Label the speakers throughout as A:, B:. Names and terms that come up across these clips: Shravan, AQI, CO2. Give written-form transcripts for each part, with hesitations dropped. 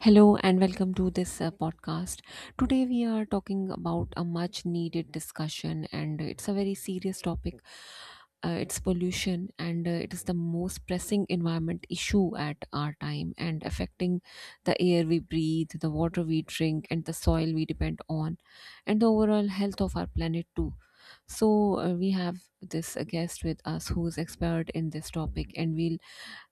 A: Hello and welcome to this podcast. Today we are talking about a much needed discussion, and it's a very serious topic. It's pollution, and it is the most pressing environment issue at our time, and affecting the air we breathe, the water we drink, and the soil we depend on, and the overall health of our planet too. So we have this guest with us, who is expert in this topic, and we'll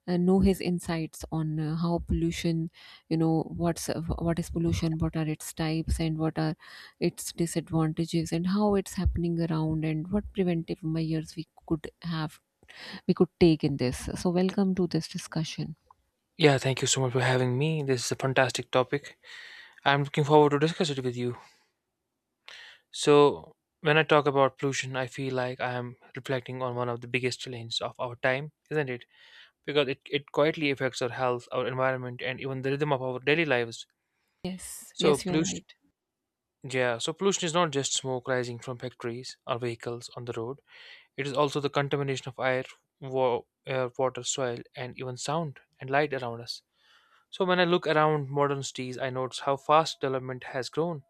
A: and know his insights on how pollution you know what's what is pollution, what are its types, and what are its disadvantages, and how it's happening around, and what preventive measures we could take in this. So welcome to this discussion.
B: Yeah, thank you so much for having me. This is a fantastic topic. I'm looking forward to discuss it with you. So, when I talk about pollution, I feel like I am reflecting on one of the biggest challenges of our time, isn't it? Because it quietly affects our health, our environment, and even the rhythm of our daily lives.
A: Yes,
B: So,
A: yes, you're
B: pollution,
A: right.
B: yeah, so pollution is not just smoke rising from factories or vehicles on the road. It is also the contamination of air, air, water, soil, and even sound and light around us. So when I look around modern cities, I notice how fast development has grown.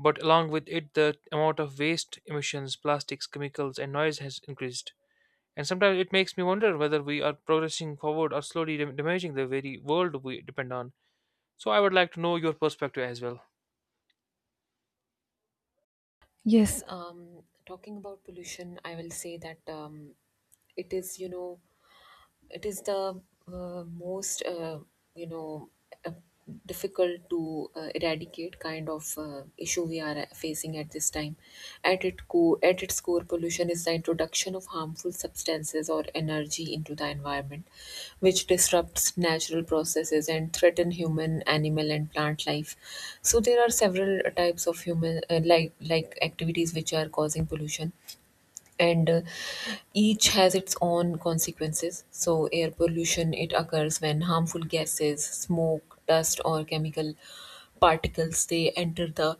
B: But along with it, the amount of waste, emissions, plastics, chemicals, and noise has increased. And sometimes it makes me wonder whether we are progressing forward or slowly damaging the very world we depend on. So I would like to know your perspective as well.
A: Yes. Talking about pollution, I will say that it is you know it is the most you know uh, difficult to eradicate kind of issue we are facing at this time. At its core, pollution is the introduction of harmful substances or energy into the environment, which disrupts natural processes and threaten human, animal, and plant life. So there are several types of human activities which are causing pollution, and each has its own consequences. So air pollution, it occurs when harmful gases, smoke, dust, or chemical particles, they enter the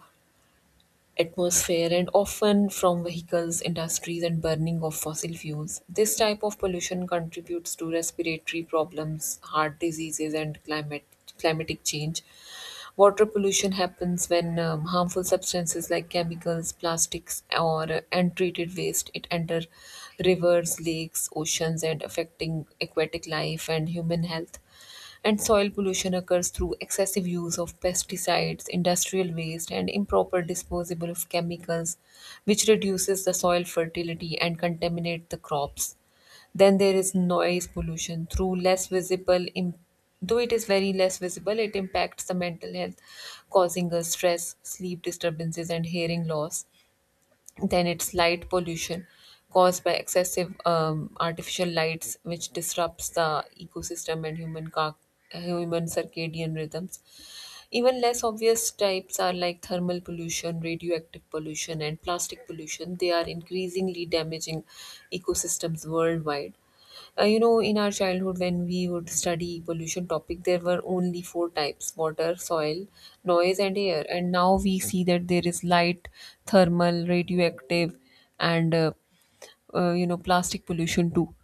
A: atmosphere, and often from vehicles, industries, and burning of fossil fuels. This type of pollution contributes to respiratory problems, heart diseases, and climate climatic change. Water pollution happens when harmful substances like chemicals, plastics, or untreated waste, it enter rivers, lakes, oceans, and affecting aquatic life and human health. And soil pollution occurs through excessive use of pesticides, industrial waste, and improper disposal of chemicals, which reduces the soil fertility and contaminate the crops. Then there is noise pollution through less visible, though it is very less visible, it impacts the mental health, causing us stress, sleep disturbances, and hearing loss. Then it's light pollution, caused by excessive artificial lights, which disrupts the ecosystem and human circadian rhythms. Even less obvious types are like thermal pollution, radioactive pollution, and plastic pollution. They are increasingly damaging ecosystems worldwide. In our childhood, when we would study pollution topic, there were only four types: water, soil, noise, and air. And now we see that there is light, thermal, radioactive, and plastic pollution too.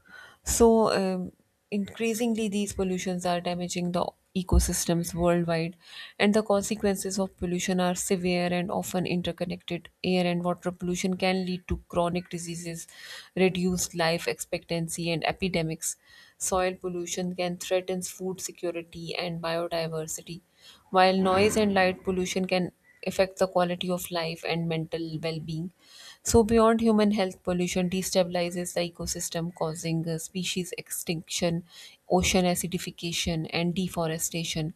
A: So. Increasingly, these pollutions are damaging the ecosystems worldwide, and the consequences of pollution are severe and often interconnected. Air and water pollution can lead to chronic diseases, reduced life expectancy, and epidemics. Soil pollution can threaten food security and biodiversity, while noise and light pollution can affect the quality of life and mental well-being. So beyond human health, pollution destabilizes the ecosystem, causing species extinction, ocean acidification, and deforestation.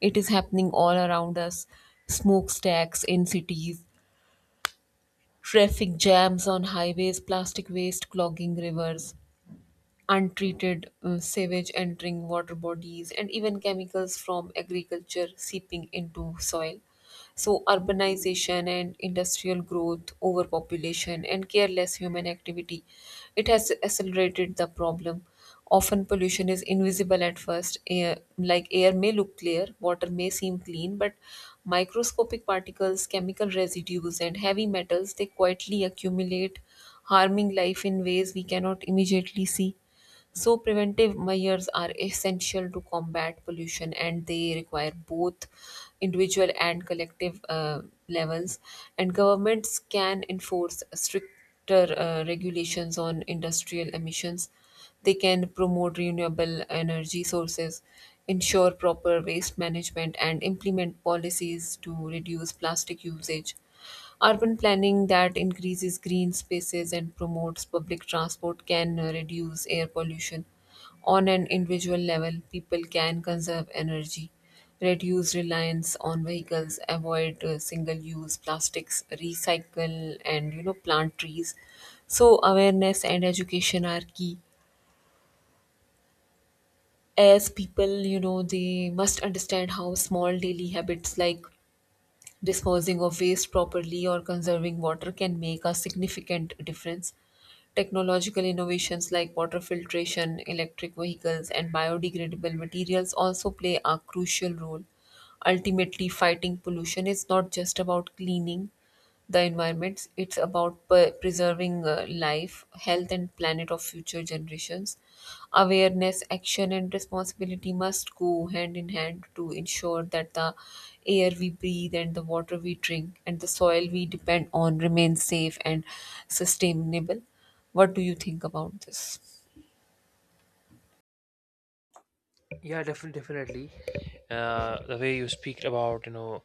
A: It is happening all around us. Smokestacks in cities, traffic jams on highways, plastic waste clogging rivers, untreated sewage entering water bodies, and even chemicals from agriculture seeping into soil. So urbanization and industrial growth, overpopulation, and careless human activity, it has accelerated the problem. Often, pollution is invisible at first. Air may look clear, water may seem clean, but microscopic particles, chemical residues, and heavy metals, they quietly accumulate, harming life in ways we cannot immediately see. So preventive measures are essential to combat pollution, and they require both individual and collective levels. And governments can enforce stricter regulations on industrial emissions. They can promote renewable energy sources, ensure proper waste management, and implement policies to reduce plastic usage. Urban planning that increases green spaces and promotes public transport can reduce air pollution. On an individual level, people can conserve energy, reduce reliance on vehicles, avoid single-use plastics, recycle, and plant trees. So awareness and education are key. As people, they must understand how small daily habits, like disposing of waste properly or conserving water, can make a significant difference. Technological innovations like water filtration, electric vehicles, and biodegradable materials also play a crucial role. Ultimately, fighting pollution is not just about cleaning the environment. It's about preserving life, health, and planet of future generations. Awareness, action, and responsibility must go hand in hand to ensure that the air we breathe, and the water we drink, and the soil we depend on remains safe and sustainable. What do you think about this?
B: Yeah, definitely, definitely. The way you speak about you know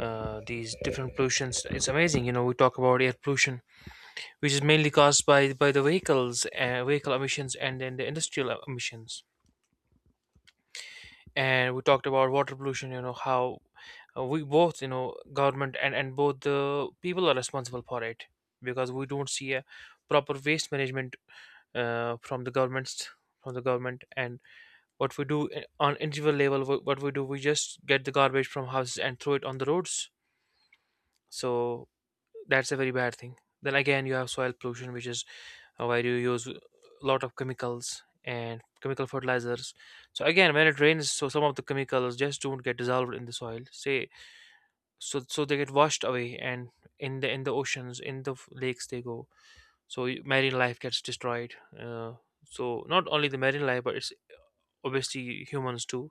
B: uh, these different pollutions, it's amazing. You know, we talk about air pollution, which is mainly caused by the vehicles, vehicle emissions, and then the industrial emissions, and we talked about water pollution. You know how, we both, you know, government and both the people are responsible for it, because we don't see a proper waste management from the government. And what we do, on individual level, what we do, we just get the garbage from houses and throw it on the roads. So that's a very bad thing. Then again you have soil pollution, which is, where you use a lot of chemicals and chemical fertilizers. So again when it rains, so some of the chemicals just don't get dissolved in the soil, say, so they get washed away, and in the oceans, in the lakes they go. So marine life gets destroyed, so not only the marine life, but it's obviously humans too,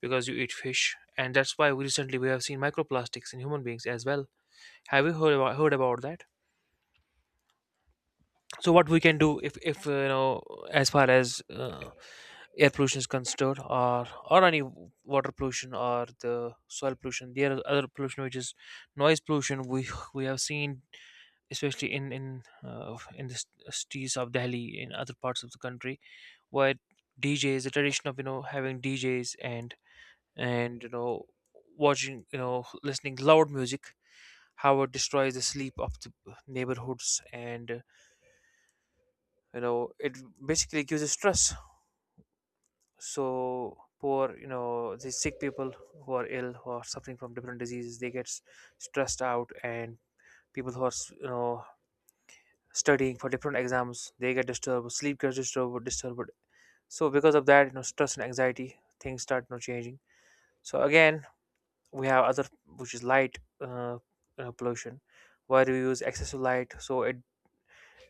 B: because you eat fish. And that's why we recently we have seen microplastics in human beings as well. Have you heard about that? So what we can do, if you know, as far as air pollution is considered, or any water pollution or the soil pollution. There are other pollution which is noise pollution. We we have seen, especially in the cities of Delhi, in other parts of the country, where DJs, the tradition of, you know, having DJs and you know, listening loud music, how it destroys the sleep of the neighborhoods, and you know, it basically gives a stress. So poor, you know, the sick people who are ill, who are suffering from different diseases, they get stressed out. And people who are you know studying for different exams, they get disturbed, sleep gets disturbed. So because of that, you know, stress and anxiety things start, you know, changing. So again, we have other, which is light, pollution, where we use excessive light, so it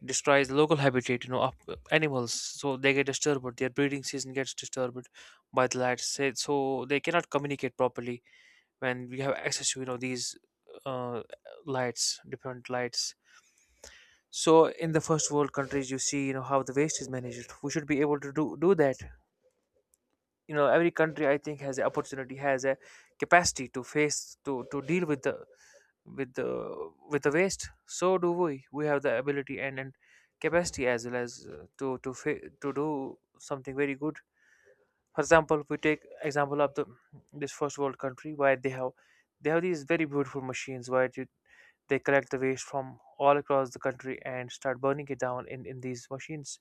B: destroys the local habitat, you know, of animals. So they get disturbed, their breeding season gets disturbed by the light, so they cannot communicate properly when we have access to, you know, these uh, lights, different lights. So in the first world countries, you see, you know, how the waste is managed. We should be able to do that. You know, every country, I think, has the opportunity, has a capacity to face, to deal with the, with the waste. So do we have the ability, and capacity as well, as to to do something very good. For example, if we take example of the, this first world country, where they have these very beautiful machines, where you, they collect the waste from all across the country and start burning it down in these machines.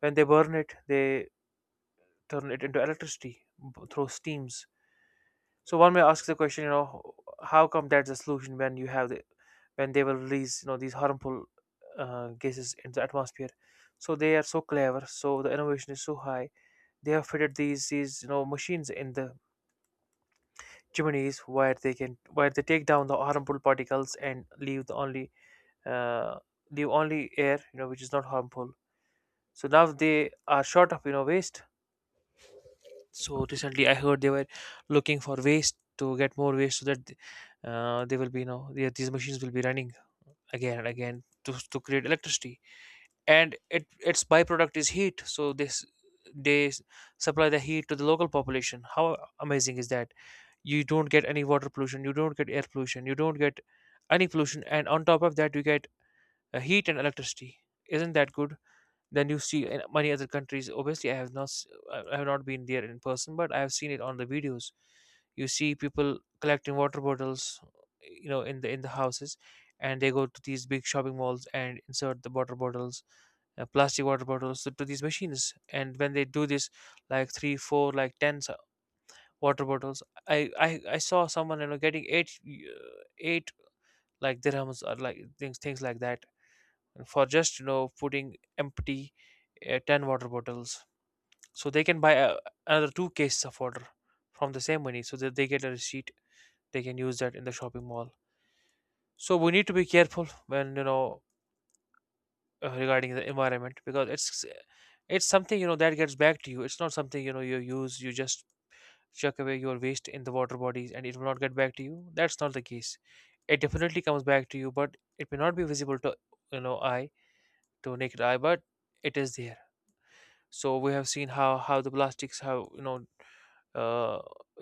B: When they burn it, they turn it into electricity, through steams. So one may ask the question, you know, how come that's the solution when you have the, when they will release, you know, these harmful gases into the atmosphere? So they are so clever. So the innovation is so high. They have fitted these you know machines in the chimneys, where they can, where they take down the harmful particles and leave the only uh, leave only air, you know, which is not harmful. So now they are short of, you know, waste. So recently, I heard they were looking for waste to get more waste, so that they will be, you know, these machines will be running again and again to create electricity. And it, its byproduct is heat. So this they supply the heat to the local population. How amazing is that? You don't get any water pollution. You don't get air pollution. You don't get any pollution. And on top of that, you get heat and electricity. Isn't that good? Then you see in many other countries. Obviously, I have not, I have not been there in person, but I have seen it on the videos. You see people collecting water bottles, you know, in the houses, and they go to these big shopping malls and insert the water bottles, plastic water bottles, to these machines. And when they do this, like three, four, like ten water bottles, I saw someone, you know, getting eight like dirhams, or like things like that, and for just, you know, putting empty 10 water bottles, so they can buy another two cases of water from the same money, so that they get a receipt they can use that in the shopping mall. So we need to be careful when, you know, regarding the environment, because it's something, you know, that gets back to you. It's not something, you know, you use, you just chuck away your waste in the water bodies and it will not get back to you. That's not the case. It definitely comes back to you, but it may not be visible to, you know, eye, to naked eye, but it is there. So we have seen how the plastics have, you know, uh,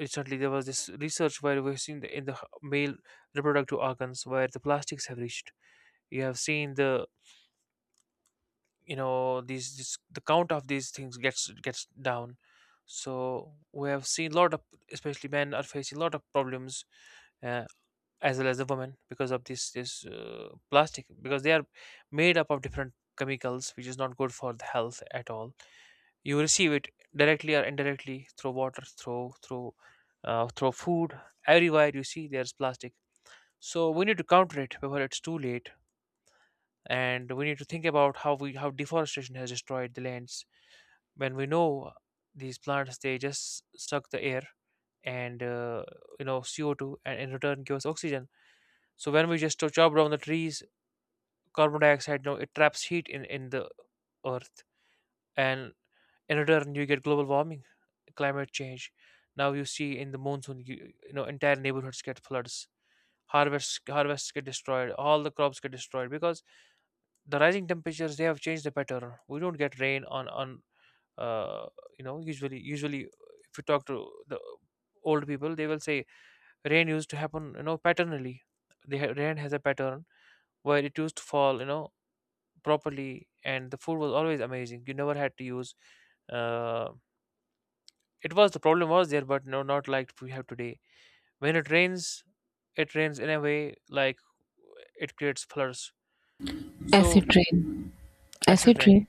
B: recently there was this research where we've seen the, in the male reproductive organs, where the plastics have reached. You have seen the, you know, these this, the count of these things gets down. So we have seen a lot of, especially men are facing a lot of problems, uh, as well as the women, because of this plastic, because they are made up of different chemicals, which is not good for the health at all. You receive it directly or indirectly, through water, through food. Everywhere you see, there's plastic. So we need to counter it before it's too late. And we need to think about how we, how deforestation has destroyed the lands. When we know these plants, they just suck the air and you know, CO2, and in return give us oxygen. So when we just chop down the trees, carbon dioxide, no, it traps heat in the earth, and in return you get global warming, climate change. Now you see in the monsoon, you know, entire neighborhoods get floods. Harvests get destroyed, all the crops get destroyed, because the rising temperatures, they have changed the pattern. We don't get rain on uh, you know, usually. If you talk to the old people, they will say rain used to happen, you know, patternally. The rain has a pattern, where it used to fall, you know, properly, and the food was always amazing. You never had to use uh, it was, the problem was there, but no, not like we have today. When it rains in a way like it creates floods. So
A: Acid rain.
B: acid
A: Acid
B: rain,
A: rain?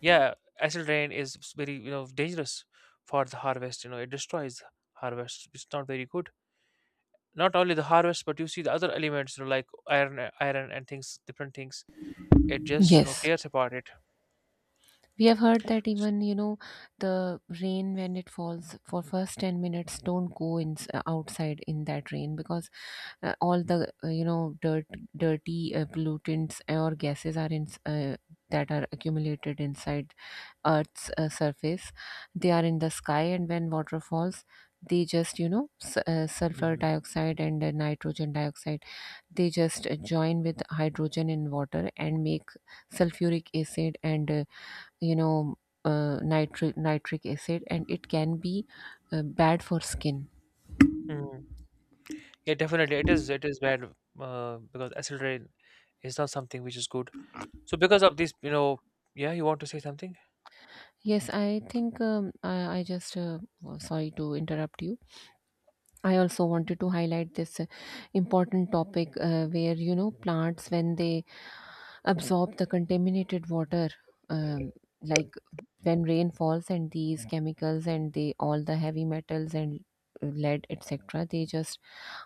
B: yeah, acid rain is very, you know, dangerous for the harvest. You know, it destroys the harvest. It's not very good. Not only the harvest, but you see the other elements, you know, like iron, iron and things, different things. It just, you know,
A: Yes.
B: tears apart it.
A: We have heard that even, you know, the rain when it falls for first 10 minutes, don't go outside in that rain, because all the, dirt, dirty pollutants, organs that are put inside Earth's is, they are waterfalls. They just, you know, sulfur
B: Mhm.
A: dioxide and nitrogen dioxide, they just join with hydrogen in water and make sulfuric acid, and you know nitric acid, and it can be uh, skin.
B: Mhm. Yeah, definitely. It is bad because accelerate is not something which is good. So because of this, you know, yeah, you want to say something?
A: Yes, I think, I just, oh, sorry to interrupt you. I also wanted to highlight this important topic where plants, when they absorb the contaminated water, um, like when rain falls and these chemicals and the all the heavy metals and lead, etc., they just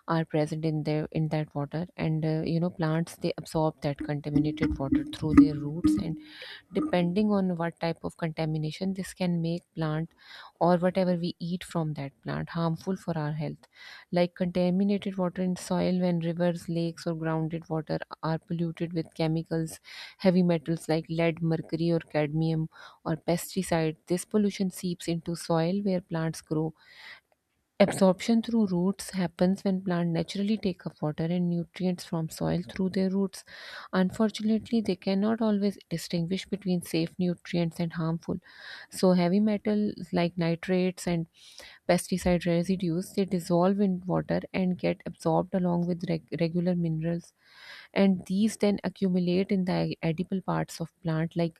A: are present in there in that water, and plants, they absorb that contaminated water through their roots, and depending on what type of contamination, this can make plant or whatever we eat from that plant harmful for our health. Like contaminated water in soil, when rivers, lakes, or grounded water are polluted with chemicals, heavy metals like lead, mercury, or cadmium, or pesticides, this pollution seeps into soil where plants grow. Absorption through roots happens when plants naturally take up water and nutrients from soil through their roots. Unfortunately, they cannot always distinguish between safe nutrients and harmful. So heavy metals like nitrates and pesticide residues, they dissolve in water and get absorbed along with regular minerals, and these then accumulate in the edible parts of plant, like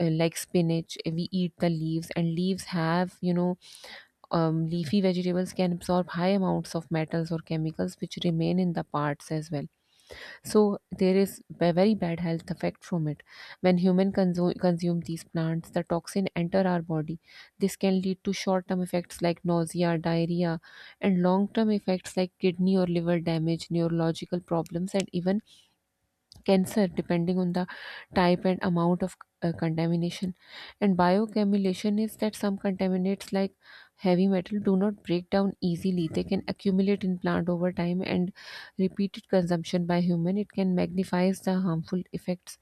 A: uh, like spinach. We eat the leaves, and leaves have, leafy vegetables can absorb high amounts of metals or chemicals, which remain in the parts as well. So there is very bad health effect from it. When human consume these plants, the toxin enter our body. This can lead to short-term effects like nausea, diarrhea, and long-term effects like kidney or liver damage, neurological problems, and even cancer, depending on the type and amount of contamination. And bioaccumulation is that some contaminants, like heavy metal, do not break down easily. They can accumulate in plant over time, and repeated consumption by human, it can magnifies the harmful effects.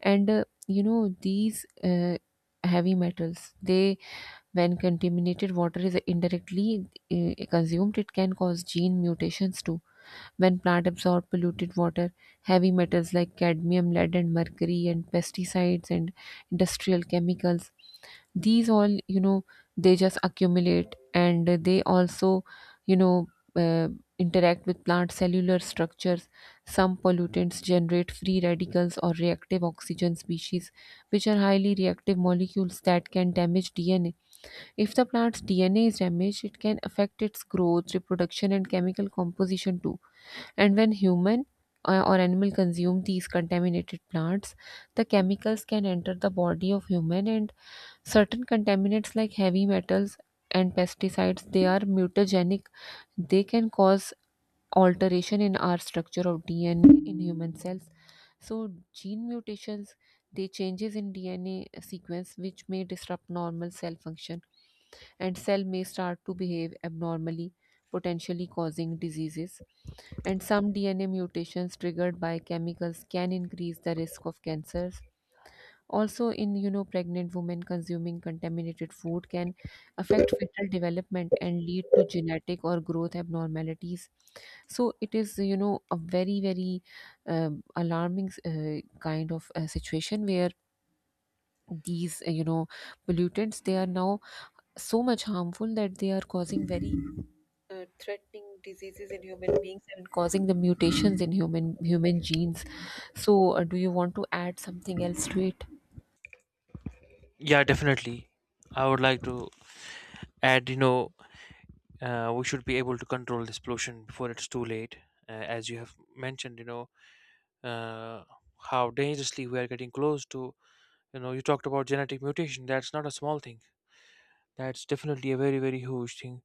A: And these heavy metals, they, when contaminated water is indirectly consumed, it can cause gene mutations too. When plants absorb polluted water, heavy metals like cadmium, lead, and mercury, and pesticides and industrial chemicals, these all, you know, they just accumulate, and they also, you know, uh, interact with plant cellular structures. Some pollutants generate free radicals or reactive oxygen species, which are highly reactive molecules that can damage DNA. If the plant's DNA is damaged, it can affect its growth, reproduction, and chemical composition too. And when human or animal consume these contaminated plants, the chemicals can enter the body of human, and certain contaminants like heavy metals and pesticides, they are mutagenic. They can cause alteration in our structure of DNA in human cells. So gene mutations, they changes in DNA sequence which may disrupt normal cell function, and cell may start to behave abnormally, potentially causing diseases. And some DNA mutations triggered by chemicals can increase the risk of cancers. Also, in you know, pregnant women consuming contaminated food can affect fetal development and lead to genetic or growth abnormalities. So it is, you know, a very very alarming situation where these pollutants, they are now so much harmful that they are causing very threatening diseases in human beings, and causing the mutations in human genes. So do you want to add something else to it?
B: Yeah, definitely. I would like to add, you know, we should be able to control this pollution before it's too late. As you have mentioned, you know, uh, how dangerously we are getting close to, you know, you talked about genetic mutation. That's not a small thing, that's definitely a very very huge thing.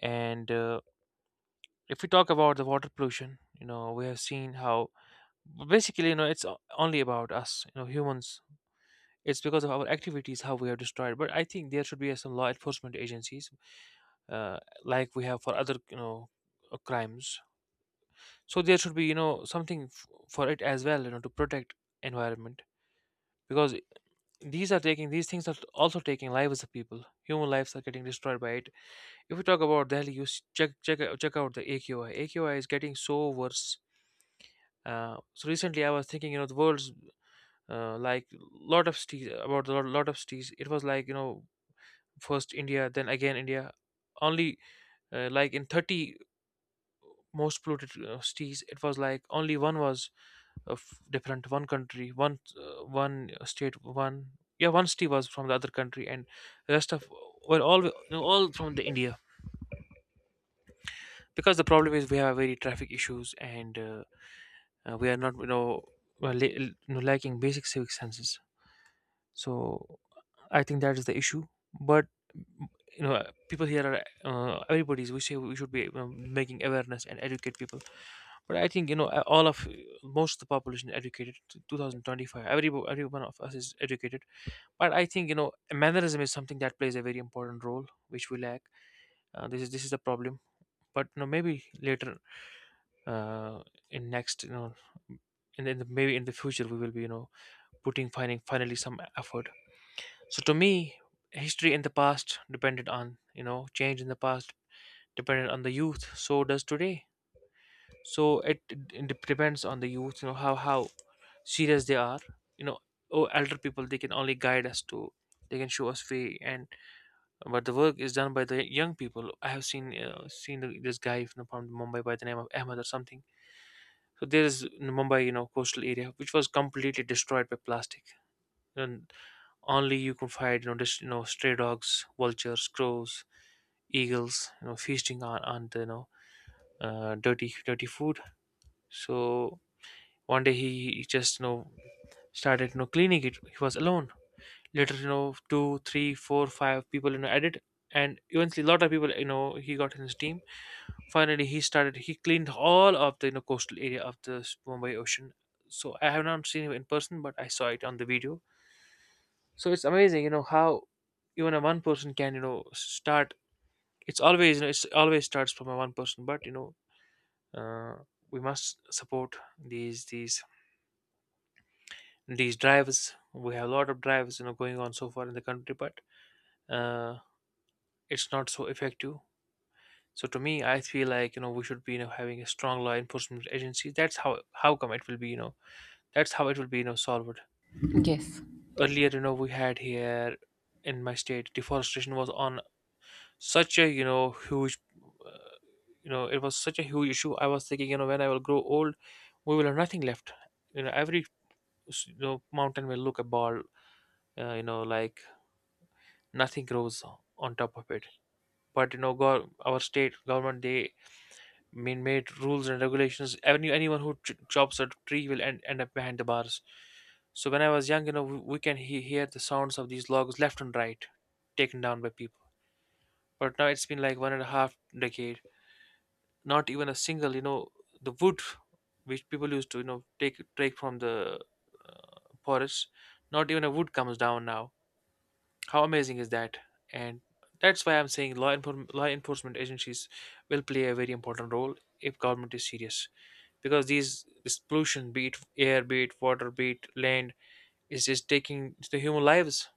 B: And if we talk about the water pollution, you know, we have seen how, basically, you know, it's only about us, you know, humans. It's because of our activities how we have destroyed, but I think there should be some law enforcement agencies, uh, like we have for other, you know, crimes. So there should be, you know, something for it as well, you know, to protect environment. Because these things are also taking lives of people. Human lives are getting destroyed by it. If we talk about Delhi, you use, check out the AQI. AQI is getting so worse. So recently, I was thinking, you know, the world's, like, lot of cities, about a lot of cities. It was like, you know, first India, then again India. Only like in 30 most polluted cities, it was like only one was of different, one country, one one state, one, yeah, one city was from the other country, and rest of were all, you know, all from the India. Because the problem is we have very traffic issues. And we are not, you know, well, you know, lacking basic civic senses. So I think that is the issue. But, you know, people here are, everybody's, we say we should be, making awareness and educate people. But I think, you know, all of most of the population educated, 2025, every one of us is educated. But I think, you know, mannerism is something that plays a very important role, which we lack. This is the problem. But, you know, maybe later, uh, in next, you know, and then maybe in the future, we will be, you know, putting finding finally some effort. So to me, history in the past depended on you know change in the past depended on the youth, so does today. So depends on the youth, you know, how serious they are. You know, oh, elder people, they can only guide us, to, they can show us way, and but the work is done by the young people. I have seen, seen this guy from Mumbai, by the name of Ahmed or something. So there is, in Mumbai, you know, coastal area which was completely destroyed by plastic, and only you can find, you know, just, you know, stray dogs, vultures, crows, eagles, you know, feasting on the, you know, dirty dirty food. So one day he just, you know, started, you know, cleaning it. He was alone. Later, you know, two, three, four, five people, you know, added, and eventually a lot of people, you know, he got in his team. Finally, he cleaned all of the, you know, coastal area of the Mumbai ocean. So I have not seen him in person, but I saw it on the video. So it's amazing, you know, how even a one person can, you know, start. It's always, you know, it's always starts from a one person. But, you know, uh, we must support these these these drivers. We have a lot of drivers, you know, going on so far in the country, but, uh, it's not so effective. So to me, I feel like, you know, we should be, you know, having a strong law enforcement agency. That's how come it will be, you know, that's how it will be, you know, solved.
A: Yes.
B: Earlier, you know, we had here in my state, deforestation was on such a, you know, huge, uh, you know, it was such a huge issue. I was thinking, you know, when I will grow old, we will have nothing left. You know, every, you know, mountain will look a ball, you know, like nothing grows on top of it. But, you know, our state government, they man-made rules and regulations. Anyone who chops a tree will end up behind the bars. So when I was young, you know, we can hear the sounds of these logs left and right, taken down by people. But now it's been like one and a half decade. Not even a single, you know, the wood which people used to, you know, take from the, forest. Not even a wood comes down now. How amazing is that? And that's why I'm saying law enforcement agencies will play a very important role if government is serious. Because these this pollution, be it air, be it water, be it land, is just taking the human lives.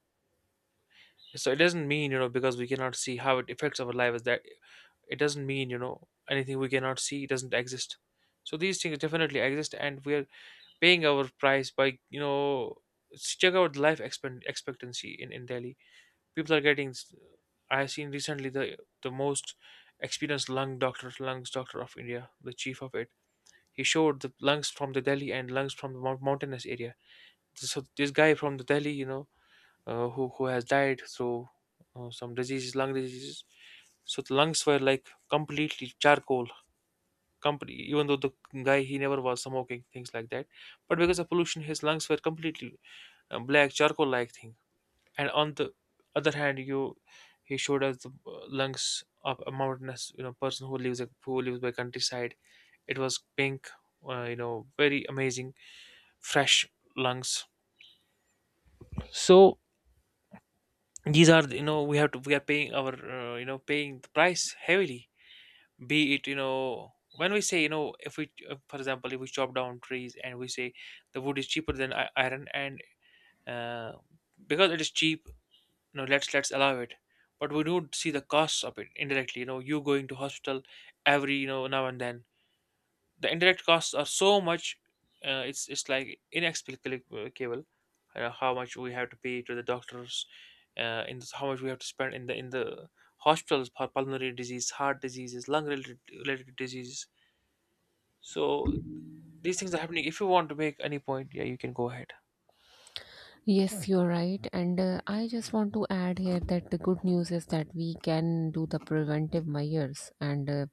B: So it doesn't mean, you know, because we cannot see how it affects our lives, that it doesn't mean, you know, anything we cannot see doesn't exist. So these things definitely exist, and we are paying our price by, you know, check out life expectancy in Delhi. People are getting. I have seen recently the most experienced lung doctor, lungs doctor of India, the chief of it. He showed the lungs from the Delhi and lungs from the mountainous area. So this guy from the Delhi, you know, who has died through some diseases, lung diseases. So the lungs were like completely charcoal. Company, even though the guy, he never was smoking things like that, but because of pollution, his lungs were completely black charcoal-like thing. And on the other hand, you, he showed us the lungs of a mountainous, you know, person who lives by countryside. It was pink, you know, very amazing, fresh lungs. So these are, you know, we have to we are paying our, you know, paying the price heavily. Be it, you know, when we say, you know, if we, for example, if we chop down trees and we say the wood is cheaper than iron, and uh, because it is cheap, you know, let's allow it. But we don't see the costs of it indirectly. You know, you going to hospital every, you know, now and then. The indirect costs are so much, it's like inexplicable. How much we have to pay to the doctors, in this, how much we have to spend in the, hospitals for pulmonary disease, heart diseases, related diseases. So these things are happening. If you want to make any point, yeah, you can go ahead.
A: Yes, you're right. And I just want to add here that the good news is that we can do the preventive measures, and,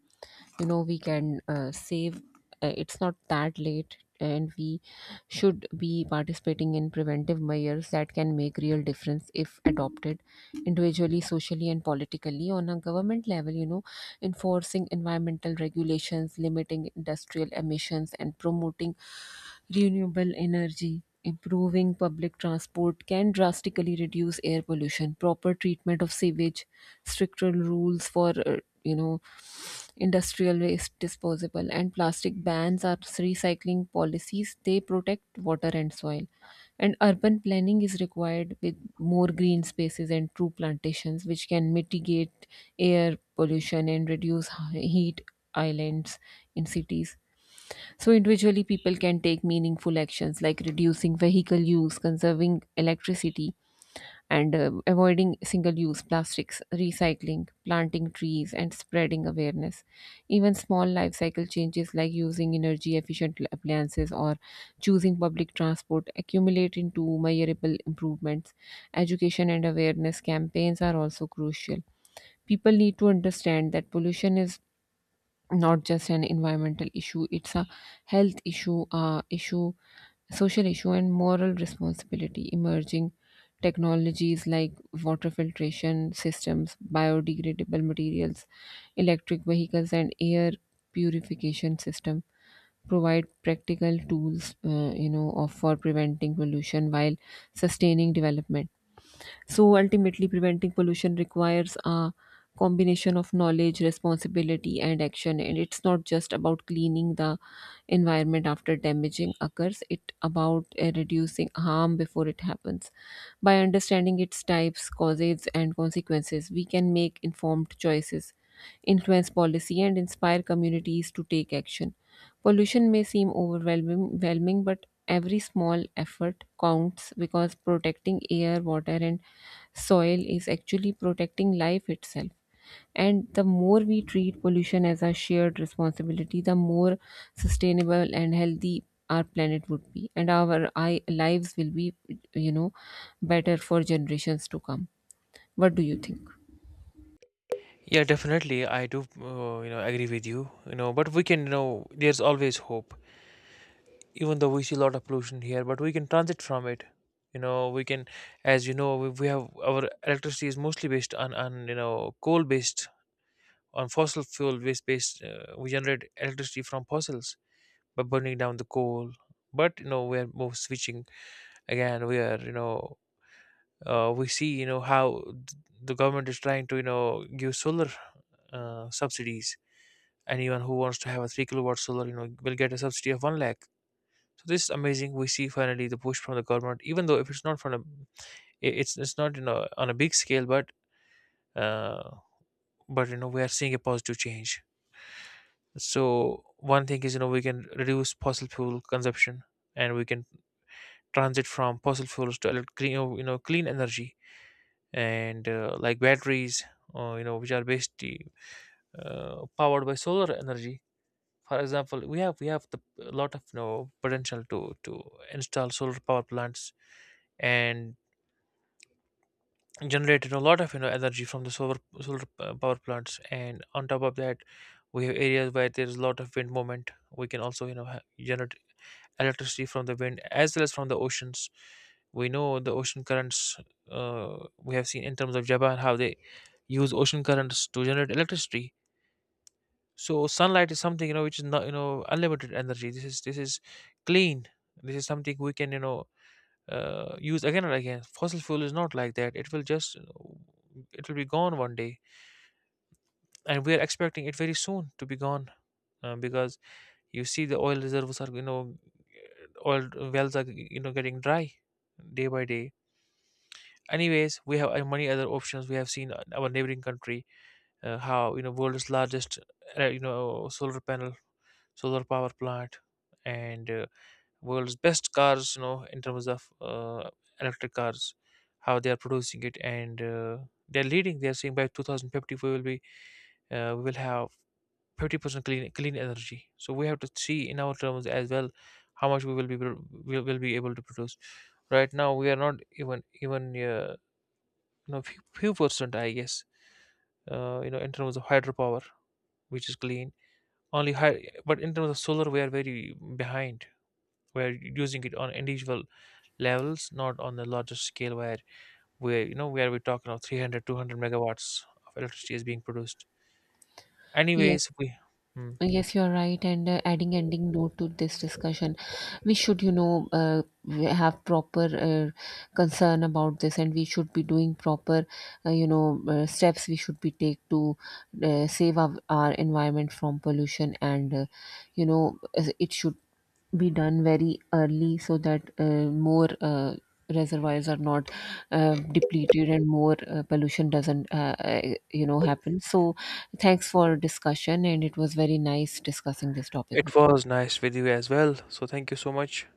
A: you know, we can save. It's not that late, and we should be participating in preventive measures that can make real difference if adopted individually, socially, and politically. On a government level, you know, enforcing environmental regulations, limiting industrial emissions, and promoting renewable energy, improving public transport can drastically reduce air pollution. Proper treatment of sewage, stricter rules for you know industrial waste disposable, and plastic bans are recycling policies, they protect water and soil. And urban planning is required, with more green spaces and true plantations, which can mitigate air pollution and reduce heat islands in cities. So, individually, people can take meaningful actions like reducing vehicle use, conserving electricity, and avoiding single use plastics, recycling, planting trees, and spreading awareness. Even small life cycle changes, like using energy efficient appliances or choosing public transport, accumulate into measurable improvements. Education and awareness campaigns are also crucial. People need to understand that pollution is not just an environmental issue, it's a health issue, social issue, and moral responsibility. Emerging technologies like water filtration systems, biodegradable materials, electric vehicles, and air purification system provide practical tools, you know of for preventing pollution while sustaining development. So ultimately, preventing pollution requires a combination of knowledge, responsibility, and action. And it's not just about cleaning the environment after damaging occurs. It about reducing harm before it happens. By understanding its types, causes, and consequences, we can make informed choices, influence policy, and inspire communities to take action. Pollution may seem overwhelming, but every small effort counts, because protecting air, water, and soil is actually protecting life itself. And the more we treat pollution as a shared responsibility, the more sustainable and healthy our planet would be, and our lives will be, you know, better for generations to come. What do you think?
B: Yeah, definitely, I do, you know, agree with you, you know. But we can, you know, there's always hope. Even though we see a lot of pollution here, but we can transit from it. You know, we can, as you know, we have, our electricity is mostly based on, you know, coal based, on fossil fuel based, we generate electricity from fossils by burning down the coal. But, you know, we are more switching again. We are, you know, we see, you know, how the government is trying to, you know, give solar, subsidies. Anyone who wants to have a 3 kilowatt solar, you know, will get a subsidy of 1 lakh. So this is amazing. We see finally the push from the government, even though if it's not from a, it's not, you know, on a big scale, but, uh, but you know, we are seeing a positive change. So one thing is, you know, we can reduce fossil fuel consumption, and we can transit from fossil fuels to clean, you know, clean energy, and like batteries, you know, which are basically powered by solar energy. For example, we have the a lot of, you know, potential to install solar power plants and generated a lot of, you know, energy from the solar power plants. And on top of that, we have areas where there is a lot of wind moment. We can also, you know, generate electricity from the wind, as well as from the oceans. We know the ocean currents, uh, we have seen in terms of Japan, how they use ocean currents to generate electricity. So sunlight is something, you know, which is not, you know, unlimited energy. This is, clean, this is something we can, you know, use again and again. Fossil fuel is not like that. It will just, it will be gone one day, and we are expecting it very soon to be gone, because you see the oil reserves are, you know, oil wells are, you know, getting dry day by day. Anyways, we have, many other options. We have seen, our neighboring country, how, you know, world's largest, you know, solar panel, solar power plant, and world's best cars, you know, in terms of, electric cars, how they are producing it. And they're leading, they're saying by 2050 we will be, we will have 50% clean clean energy. So we have to see in our terms as well, how much we will be we will be able to produce. Right now we are not even you know, few percent I guess, you know, in terms of hydropower, which is clean only high. But in terms of solar, we are very behind. We are using it on individual levels, not on the larger scale where we, you know, where we're talking of 300, 200 megawatts of electricity is being produced.
A: Yes.
B: Anyways, we, hmm,
A: Yes, you're right. And adding ending note to this discussion, we should, you know, we have proper concern about this, and we should be doing proper, steps we should be take to save our environment from pollution, and you know it should be done very early, so that more reservoirs are not depleted, and more pollution doesn't happen. So thanks for discussion, and it was very nice discussing this topic
B: it
A: with you.
B: was nice with you as well. So thank you so much.